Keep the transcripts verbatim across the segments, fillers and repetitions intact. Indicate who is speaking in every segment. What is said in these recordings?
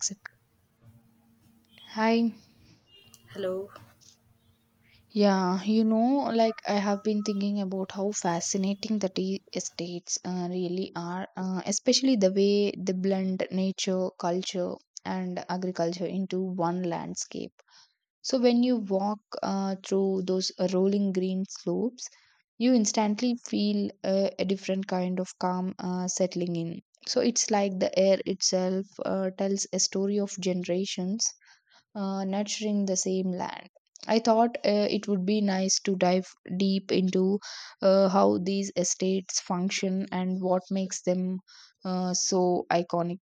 Speaker 1: Mexico. Hi.
Speaker 2: Hello.
Speaker 1: Yeah, you know, like I have been thinking about how fascinating the tea estates uh, really are, uh, especially the way they blend nature, culture, and agriculture into one landscape. So when you walk uh, through those rolling green slopes, you instantly feel uh, a different kind of calm uh, settling in. So it's like the air itself uh, tells a story of generations uh, nurturing the same land. I thought uh, it would be nice to dive deep into uh, how these estates function and what makes them uh, so iconic.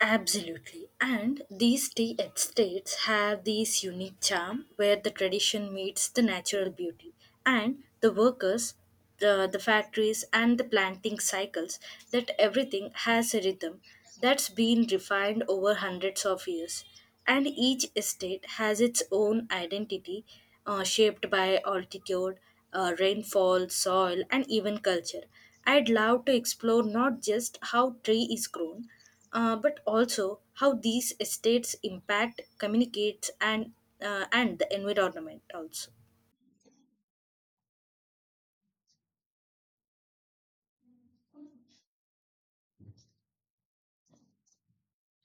Speaker 2: Absolutely. And these tea estates have this unique charm where the tradition meets the natural beauty. And the workers, the, the factories, and the planting cycles, that everything has a rhythm that's been refined over hundreds of years. And each estate has its own identity, uh, shaped by altitude, uh, rainfall, soil, and even culture. I'd love to explore not just how tree is grown, uh, but also how these estates impact communicates and uh, and the environment also.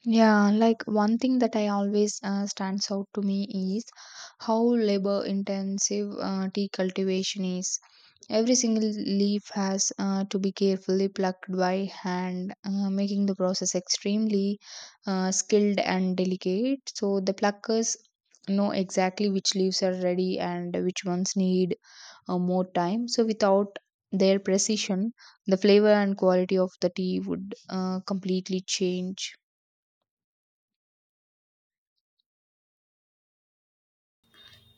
Speaker 1: Yeah, like one thing that I always uh, stands out to me is how labor intensive uh, tea cultivation is. Every single leaf has uh, to be carefully plucked by hand, uh, making the process extremely uh, skilled and delicate. So the pluckers know exactly which leaves are ready and which ones need uh, more time. So without their precision, the flavor and quality of the tea would uh, completely change.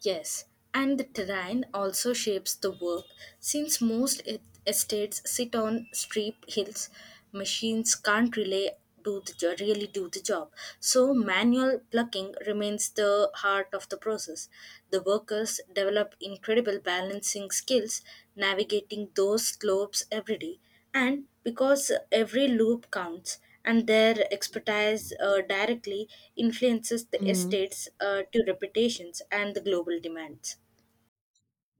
Speaker 2: Yes, and the terrain also shapes the work. Since most e- estates sit on steep hills, machines can't really do the jo- really do the job. So manual plucking remains the heart of the process. The workers develop incredible balancing skills, navigating those slopes every day, and because every loop counts and their expertise uh, directly influences the
Speaker 1: Mm.
Speaker 2: estates, uh, to reputations and the global demands.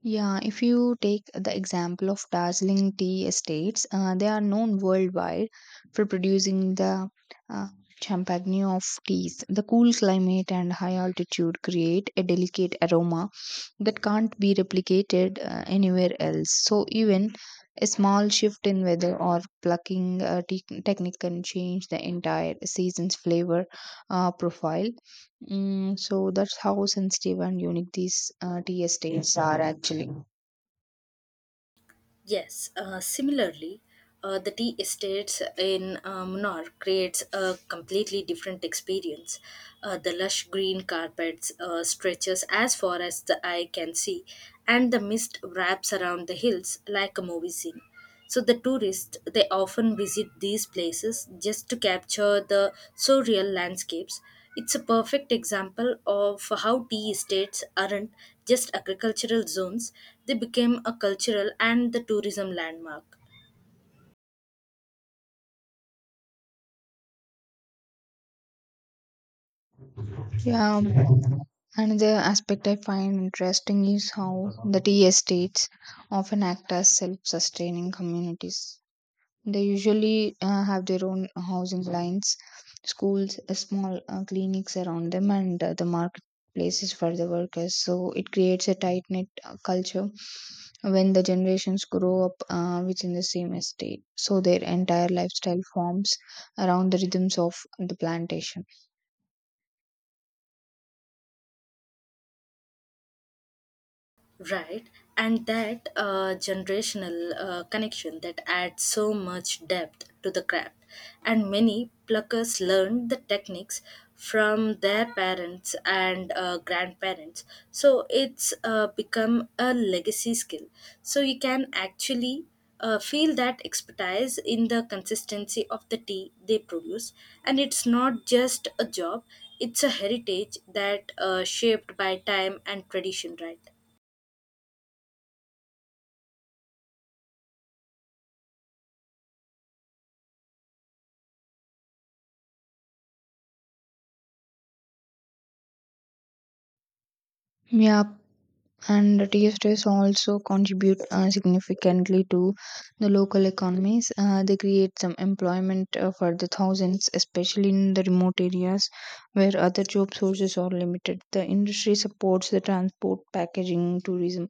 Speaker 1: Yeah, if you take the example of Darjeeling tea estates, uh, they are known worldwide for producing the uh, champagne of teas. The cool climate and high altitude create a delicate aroma that can't be replicated uh, anywhere else. So, even a small shift in weather or plucking uh, te- technique can change the entire season's flavor uh, profile. Mm, so that's how sensitive and unique these uh, tea estates are actually.
Speaker 2: Yes, uh, similarly, uh, the tea estates in uh, Munnar creates a completely different experience. Uh, the lush green carpets uh, stretches as far as the eye can see, and the mist wraps around the hills like a movie scene. So the tourists they often visit these places just to capture the surreal landscapes. It's a perfect example of how tea estates aren't just agricultural zones, they became a cultural and the tourism landmark.
Speaker 1: Yeah, um, another aspect I find interesting is how the tea estates often act as self sustaining communities. They usually uh, have their own housing lines, schools, uh, small uh, clinics around them, and uh, the marketplaces for the workers. So it creates a tight knit uh, culture when the generations grow up uh, within the same estate. So their entire lifestyle forms around the rhythms of the plantation.
Speaker 2: Right, and that uh, generational uh, connection that adds so much depth to the craft. And many pluckers learned the techniques from their parents and uh, grandparents. So it's uh, become a legacy skill. So you can actually uh, feel that expertise in the consistency of the tea they produce. And it's not just a job, it's a heritage that uh, shaped by time and tradition, right?
Speaker 1: Yeah, and the tea estates also contribute uh, significantly to the local economies. Uh, they create some employment uh, for the thousands, especially in the remote areas where other job sources are limited. The industry supports the transport, packaging, tourism,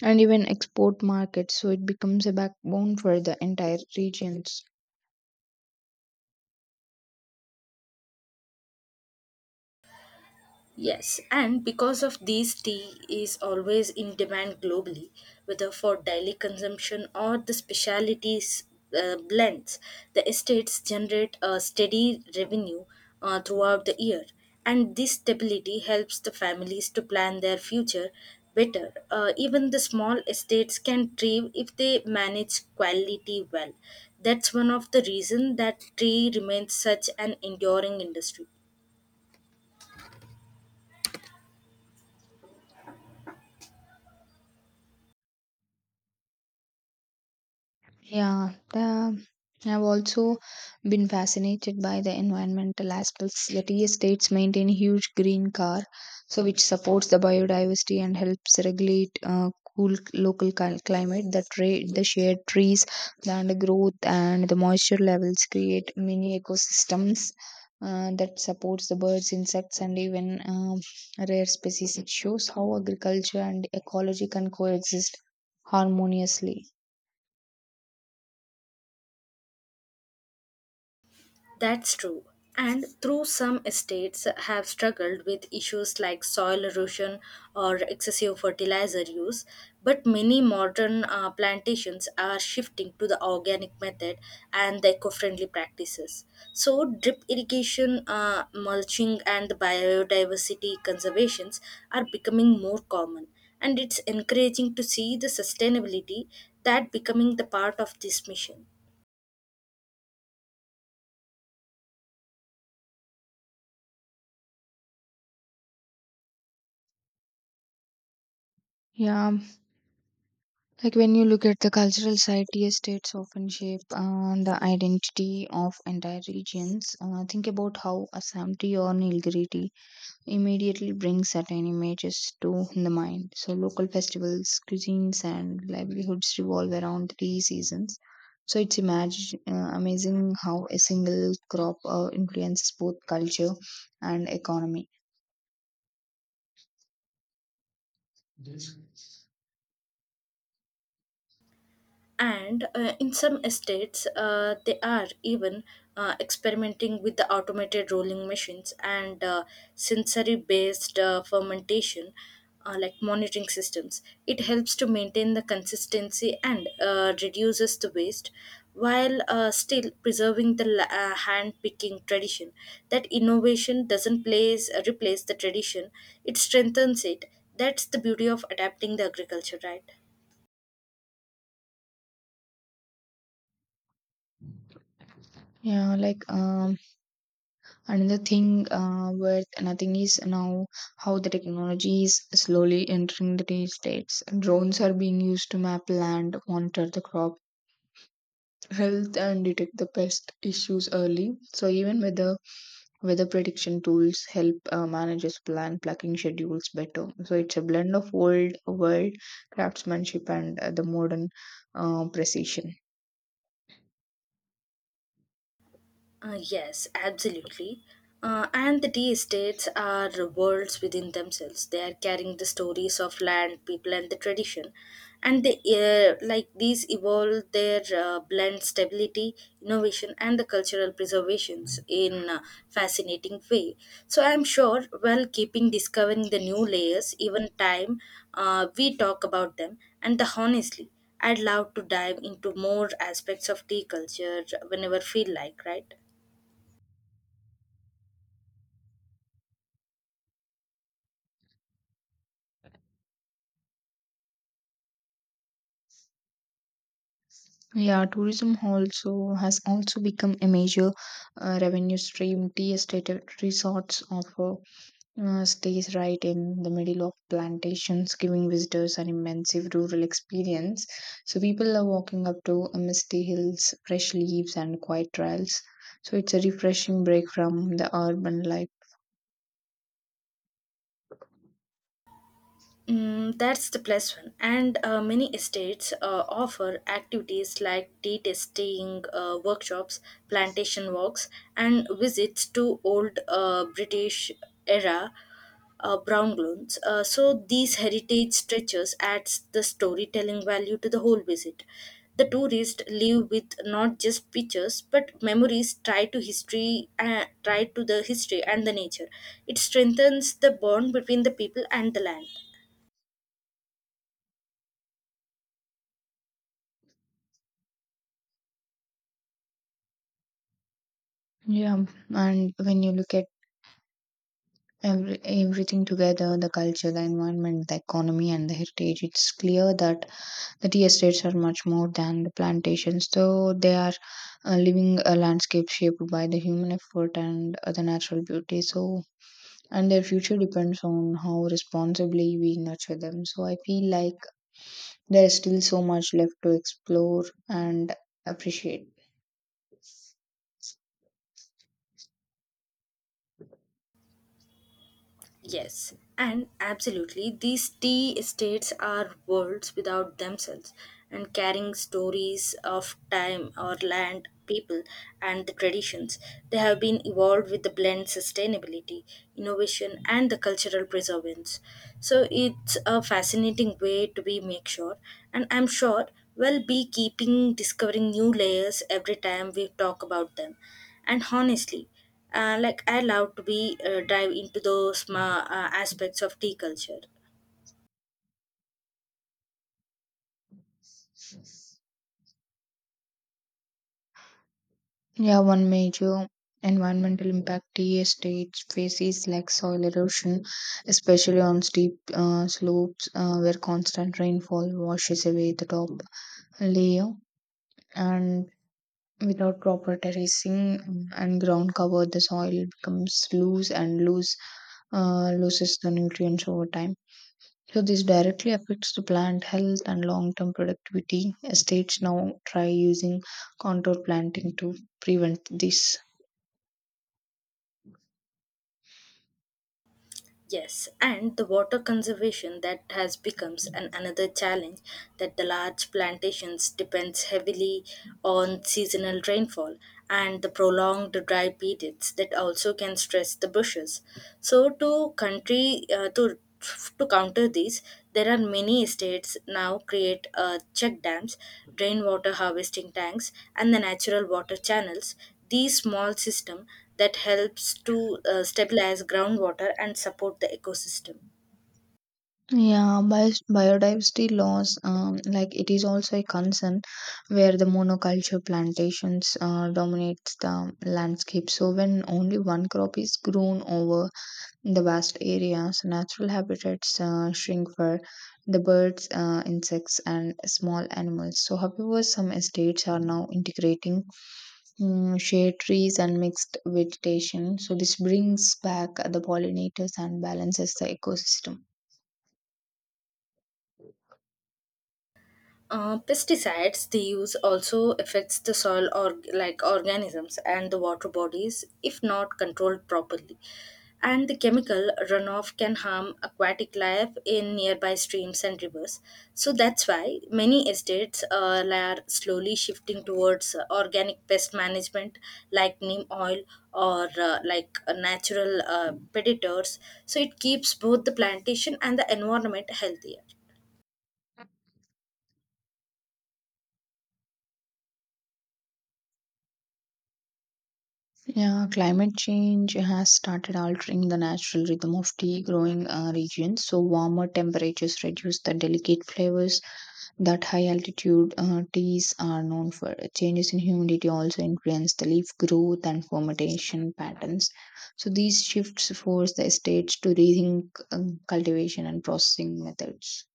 Speaker 1: and even export markets, so it becomes a backbone for the entire regions.
Speaker 2: Yes, and because of these, tea is always in demand globally, whether for daily consumption or the specialties, uh, blends. The estates generate a steady revenue uh, throughout the year, and this stability helps the families to plan their future better. Uh, even the small estates can thrive if they manage quality well. That's one of the reasons that tea remains such an enduring industry.
Speaker 1: Yeah, um, I've also been fascinated by the environmental aspects. Yet, yes, states maintain huge green car, so which supports the biodiversity and helps regulate uh, cool local cli- climate. The trade, the shade trees, the undergrowth, and the moisture levels create mini ecosystems. Uh, that supports the birds, insects, and even um, rare species. It shows how agriculture and ecology can coexist harmoniously.
Speaker 2: That's true. And through some estates have struggled with issues like soil erosion or excessive fertilizer use, but many modern uh, plantations are shifting to the organic method and the eco-friendly practices. So drip irrigation, uh, mulching, and the biodiversity conservations are becoming more common, and it's encouraging to see the sustainability that becoming the part of this mission.
Speaker 1: Yeah, like when you look at the cultural side, tea states often shape uh, the identity of entire regions. Uh, think about how Assam tea or Nilgiri immediately brings certain images to the mind. So local festivals, cuisines, and livelihoods revolve around three seasons. So it's imagine, uh, amazing how a single crop uh, influences both culture and economy.
Speaker 2: And uh, in some estates uh, they are even uh, experimenting with the automated rolling machines and, uh, sensory based uh, fermentation, uh, like monitoring systems. It helps to maintain the consistency and uh, reduces the waste while uh, still preserving the la- uh, hand picking tradition. That innovation doesn't place replace the tradition, it strengthens it. That's the beauty of adapting the agriculture, right?
Speaker 1: Yeah, like uh, Another thing uh, worth nothing is now how the technology is slowly entering the tea states. Drones are being used to map land, monitor the crop health, and detect the pest issues early. So even weather weather prediction tools help uh, managers plan plucking schedules better. So it's a blend of old world craftsmanship and uh, the modern uh, precision.
Speaker 2: Uh, yes, absolutely. Uh, and the tea estates are worlds within themselves. They are carrying the stories of land, people, and the tradition. And they uh, like these evolve their uh, blend stability, innovation, and the cultural preservations in a fascinating way. So I'm sure while keeping discovering the new layers, even time uh, we talk about them, and the honestly, I'd love to dive into more aspects of tea culture whenever feel like, right?
Speaker 1: Yeah, tourism also has also become a major uh, revenue stream. Tea estate resorts offer uh, stays right in the middle of plantations, giving visitors an immense rural experience. So people love walking up to uh, misty hills, fresh leaves, and quiet trails. So it's a refreshing break from the urban life.
Speaker 2: Mm, that's the plus one. And uh, many estates uh, offer activities like tea tasting, uh, workshops, plantation walks, and visits to old, uh, British era, uh, brown loans. Uh, so these heritage stretches adds the storytelling value to the whole visit. The tourists live with not just pictures but memories tied to history, uh, tied to the history and the nature. It strengthens the bond between the people and the land.
Speaker 1: Yeah, and when you look at every, everything together, the culture, the environment, the economy, and the heritage, it's clear that the tea estates are much more than the plantations though they are a living a landscape shaped by the human effort and uh, the natural beauty so and their future depends on how responsibly we nurture them so I feel like there is still so much left to explore and appreciate.
Speaker 2: Yes, and absolutely, these tea estates are worlds without themselves and carrying stories of time or land, people, and the traditions. They have been evolved with the blend sustainability, innovation, and the cultural preservance. So it's a fascinating way to be make sure, and I'm sure we'll be keeping discovering new layers every time we talk about them. And honestly, uh, like I love to be uh, dive into those ma- uh, aspects of tea culture.
Speaker 1: Yeah, one major environmental impact tea estates face is like soil erosion, especially on steep uh, slopes uh, where constant rainfall washes away the top layer, and without proper terracing and ground cover, the soil becomes loose and loose uh, loses the nutrients over time. So this directly affects the plant health and long-term productivity. Estates now try using contour planting to prevent this.
Speaker 2: Yes, and the water conservation that has becomes an another challenge, that the large plantations depends heavily on seasonal rainfall and the prolonged dry periods that also can stress the bushes. So to country uh, to to counter these, there are many states now create uh, check dams, rainwater harvesting tanks, and the natural water channels. These small system that helps to uh, stabilize groundwater and support the ecosystem.
Speaker 1: Yeah, bio- biodiversity loss, um, like it is also a concern where the monoculture plantations uh, dominates the landscape. So when only one crop is grown over in the vast areas, natural habitats uh, shrink for the birds, uh, insects, and small animals. So, however, some estates are now integrating mm, shade trees and mixed vegetation. So this brings back the pollinators and balances the ecosystem.
Speaker 2: Uh, pesticides they use also affects the soil or like organisms and the water bodies if not controlled properly, and the chemical runoff can harm aquatic life in nearby streams and rivers. So that's why many estates uh, are slowly shifting towards uh, organic pest management, like neem oil or uh, like uh, natural uh, predators. So it keeps both the plantation and the environment healthier.
Speaker 1: Yeah, climate change has started altering the natural rhythm of tea growing uh, regions. So warmer temperatures reduce the delicate flavors that high altitude uh, teas are known for. Changes in humidity also influence the leaf growth and fermentation patterns. So these shifts force the estates to rethink um, cultivation and processing methods.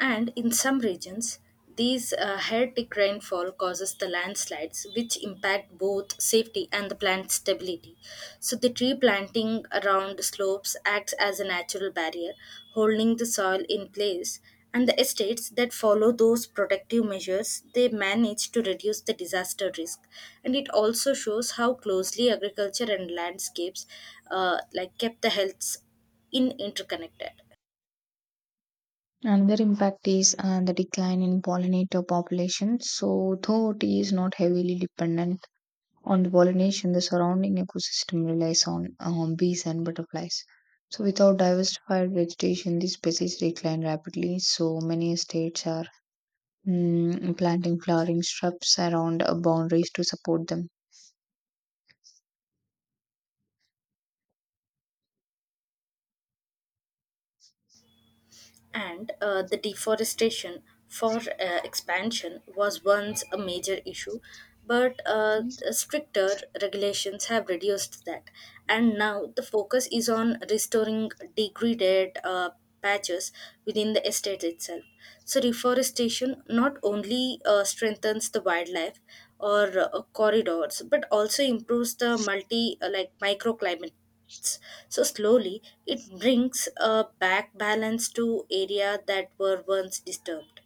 Speaker 2: And in some regions, these uh, erratic rainfall causes the landslides, which impact both safety and the plant stability. So the tree planting around the slopes acts as a natural barrier, holding the soil in place. And the estates that follow those protective measures, they manage to reduce the disaster risk. And it also shows how closely agriculture and landscapes, uh, like kept the health in interconnected.
Speaker 1: Another impact is uh, the decline in pollinator populations. So though tea is not heavily dependent on the pollination, the surrounding ecosystem relies on um, bees and butterflies. So without diversified vegetation, these species decline rapidly. So many estates are mm, planting flowering shrubs around uh, boundaries to support them.
Speaker 2: And uh, the deforestation for uh, expansion was once a major issue, but uh, stricter regulations have reduced that, and now the focus is on restoring degraded uh, patches within the estate itself. So reforestation not only uh, strengthens the wildlife or uh, corridors but also improves the multi uh, like microclimate. So slowly, it brings uh, back balance to area that were once disturbed.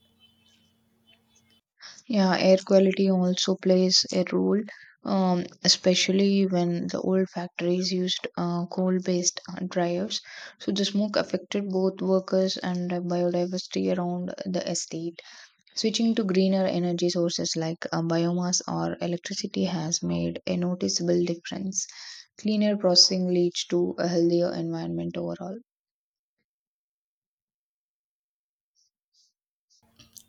Speaker 1: Yeah, air quality also plays a role, um, especially when the old factories used uh, coal-based uh, dryers. So the smoke affected both workers and uh, biodiversity around the estate. Switching to greener energy sources like uh, biomass or electricity has made a noticeable difference. Cleaner processing leads to a healthier environment overall.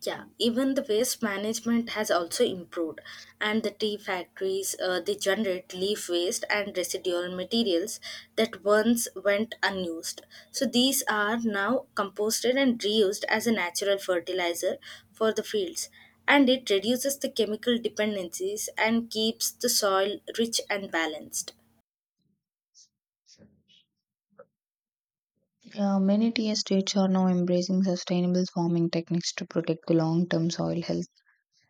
Speaker 2: Yeah, even the waste management has also improved, and the tea factories uh, they generate leaf waste and residual materials that once went unused. So these are now composted and reused as a natural fertilizer for the fields, and it reduces the chemical dependencies and keeps the soil rich and balanced.
Speaker 1: Uh, many tea states are now embracing sustainable farming techniques to protect the long term soil health.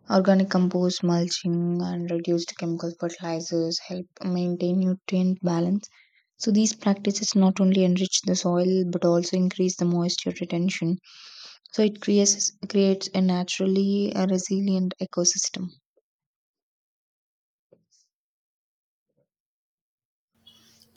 Speaker 1: Organic compost, mulching, and reduced chemical fertilizers help maintain nutrient balance. So these practices not only enrich the soil but also increase the moisture retention. So it creates, creates a naturally uh, resilient ecosystem.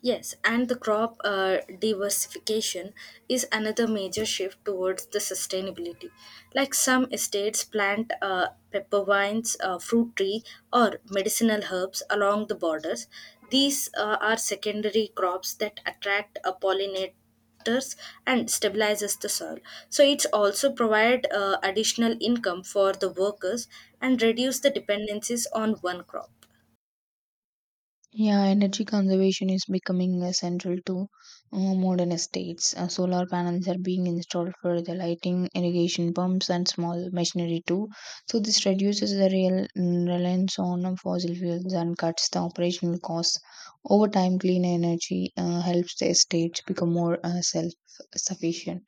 Speaker 2: Yes, and the crop uh, diversification is another major shift towards the sustainability. Like some estates plant uh, pepper vines, uh, fruit tree, or medicinal herbs along the borders. These uh, are secondary crops that attract uh, pollinators and stabilizes the soil. So it's also provide uh, additional income for the workers and reduce the dependencies on one crop.
Speaker 1: Yeah, energy conservation is becoming uh, central to uh, modern estates. Uh, solar panels are being installed for the lighting, irrigation pumps, and small machinery too. So this reduces the real mm, reliance on uh, fossil fuels and cuts the operational costs. Over time, clean energy uh, helps the estates become more uh, self-sufficient.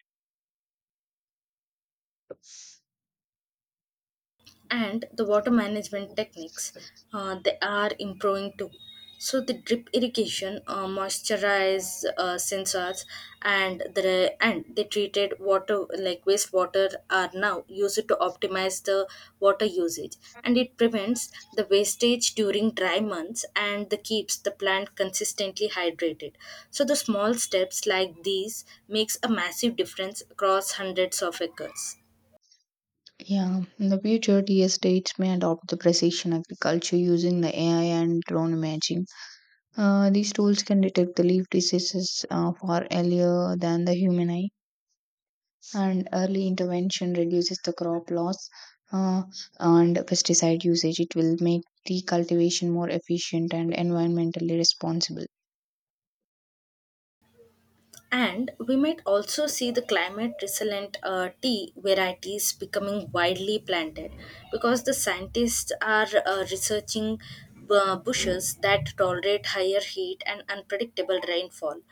Speaker 2: And the water management techniques, uh, they are improving too. So the drip irrigation, uh, moisturize uh, sensors, and the and the treated water like wastewater are now used to optimize the water usage, and it prevents the wastage during dry months and the keeps the plant consistently hydrated. So the small steps like these makes a massive difference across hundreds of acres.
Speaker 1: Yeah, in the future, tea estates may adopt the precision agriculture using the A I and drone imaging. Uh, these tools can detect the leaf diseases uh, far earlier than the human eye, and early intervention reduces the crop loss uh, and pesticide usage. It will make the cultivation more efficient and environmentally responsible.
Speaker 2: And we might also see the climate resilient, uh, tea varieties becoming widely planted, because the scientists are uh, researching uh, bushes that tolerate higher heat and unpredictable rainfall.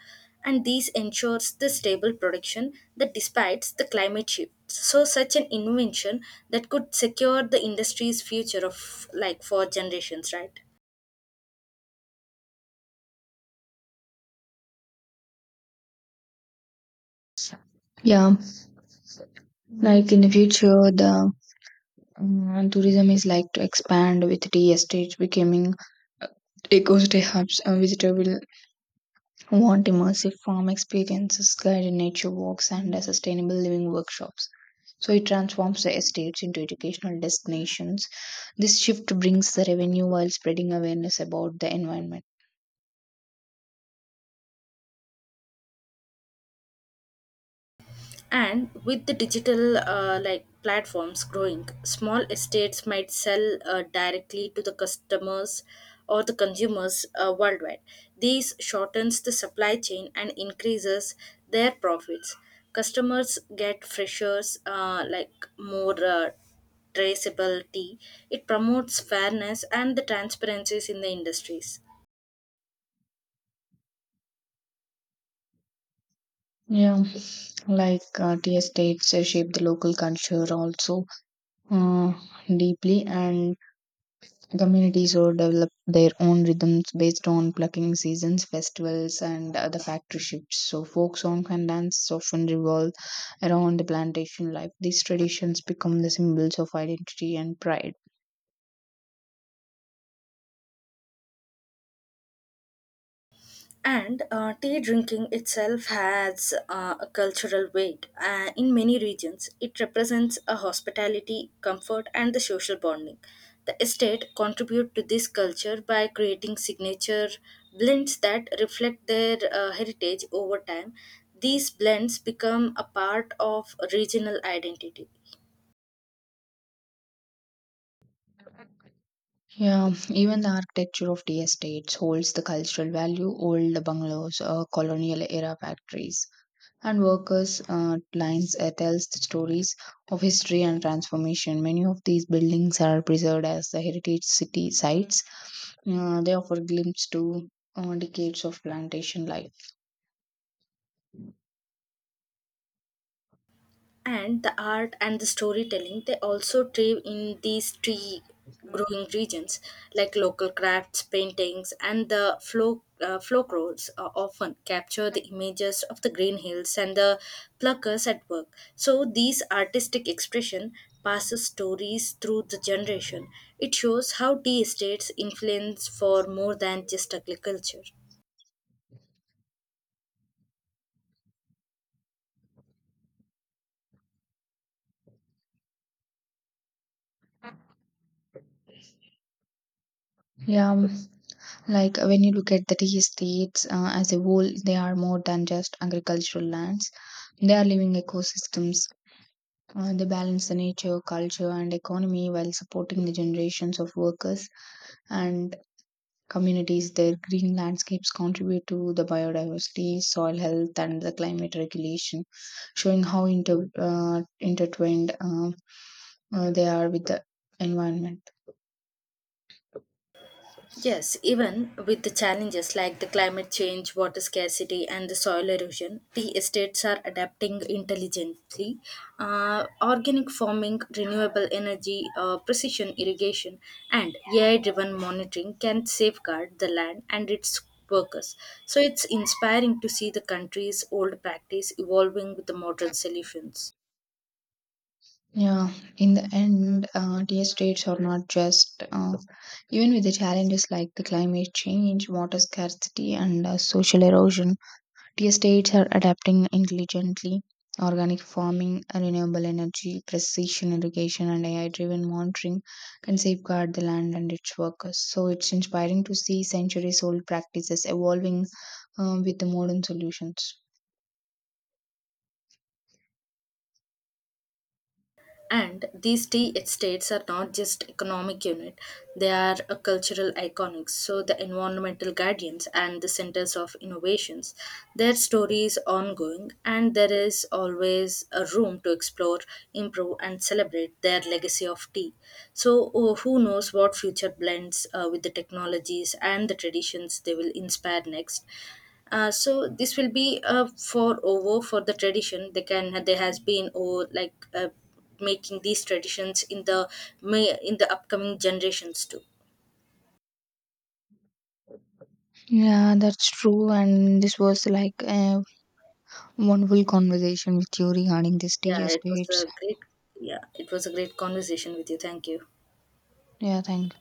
Speaker 2: And these ensures the stable production that despites the climate shift. So such an invention that could secure the industry's future of like for generations, right?
Speaker 1: Yeah, like in the future, the mm, tourism is like to expand with tea estates becoming uh, eco-stay hubs. A visitor will want immersive farm experiences, guided nature walks, and uh, sustainable living workshops. So it transforms the estates into educational destinations. This shift brings the revenue while spreading awareness about the environment.
Speaker 2: And with the digital, uh, like platforms growing, small estates might sell uh, directly to the customers or the consumers uh, worldwide. This shortens the supply chain and increases their profits. Customers get freshers, uh, like more, uh, traceability. It promotes fairness and the transparencies in the industries.
Speaker 1: Yeah, like uh, tea estates uh, shape the local culture also uh, deeply, and communities so develop their own rhythms based on plucking seasons, festivals, and other factory shifts. So folk song and dances often revolve around the plantation life. These traditions become the symbols of identity and pride.
Speaker 2: And uh, tea drinking itself has uh, a cultural weight. Uh, in many regions, it represents a hospitality, comfort, and the social bonding. The estate contribute to this culture by creating signature blends that reflect their uh, heritage over time. These blends become a part of regional identity.
Speaker 1: Yeah, even the architecture of the estates holds the cultural value. Old bungalows, uh, colonial era factories, and workers' uh, lines uh, tells the stories of history and transformation. Many of these buildings are preserved as the heritage city sites. Uh, they offer glimpse to uh, decades of plantation life.
Speaker 2: And the art and the storytelling they also thrive in these tree growing regions, like local crafts paintings and the folk uh, folk roles uh, often capture the images of the green hills and the pluckers at work. So these artistic expression passes stories through the generation. It shows how tea estates influence for more than just agriculture.
Speaker 1: Yeah, um, like when you look at the tea estates uh, as a whole, they are more than just agricultural lands. They are living ecosystems. Uh, they balance the nature, culture, and economy while supporting the generations of workers and communities. Their green landscapes contribute to the biodiversity, soil health, and the climate regulation, showing how inter- uh, intertwined uh, uh, they are with the environment.
Speaker 2: Yes, even with the challenges like the climate change, water scarcity, and the soil erosion, tea estates are adapting intelligently. Uh, organic farming, renewable energy, uh, precision irrigation, and A I driven monitoring can safeguard the land and its workers. So it's inspiring to see the country's old practice evolving with the modern solutions.
Speaker 1: Yeah, in the end, uh, dear states are not just, uh, even with the challenges like the climate change, water scarcity, and uh, social erosion, dear states are adapting intelligently. Organic farming, renewable energy, precision irrigation, and A I driven monitoring can safeguard the land and its workers. So it's inspiring to see centuries old practices evolving um, with the modern solutions.
Speaker 2: And these tea estates are not just economic unit, they are a cultural iconics. So the environmental guardians and the centers of innovations, their story is ongoing and there is always a room to explore, improve and celebrate their legacy of tea. So oh, who knows what future blends uh, with the technologies and the traditions they will inspire next. Uh, so this will be a for over for the tradition. They can there has been oh like uh, making these traditions in the may in the upcoming generations too.
Speaker 1: Yeah, that's true. And this was like uh, wonderful conversation with you regarding this tea
Speaker 2: yeah it was a
Speaker 1: estates.
Speaker 2: great yeah, it was a great conversation with you, thank you.
Speaker 1: Yeah, thank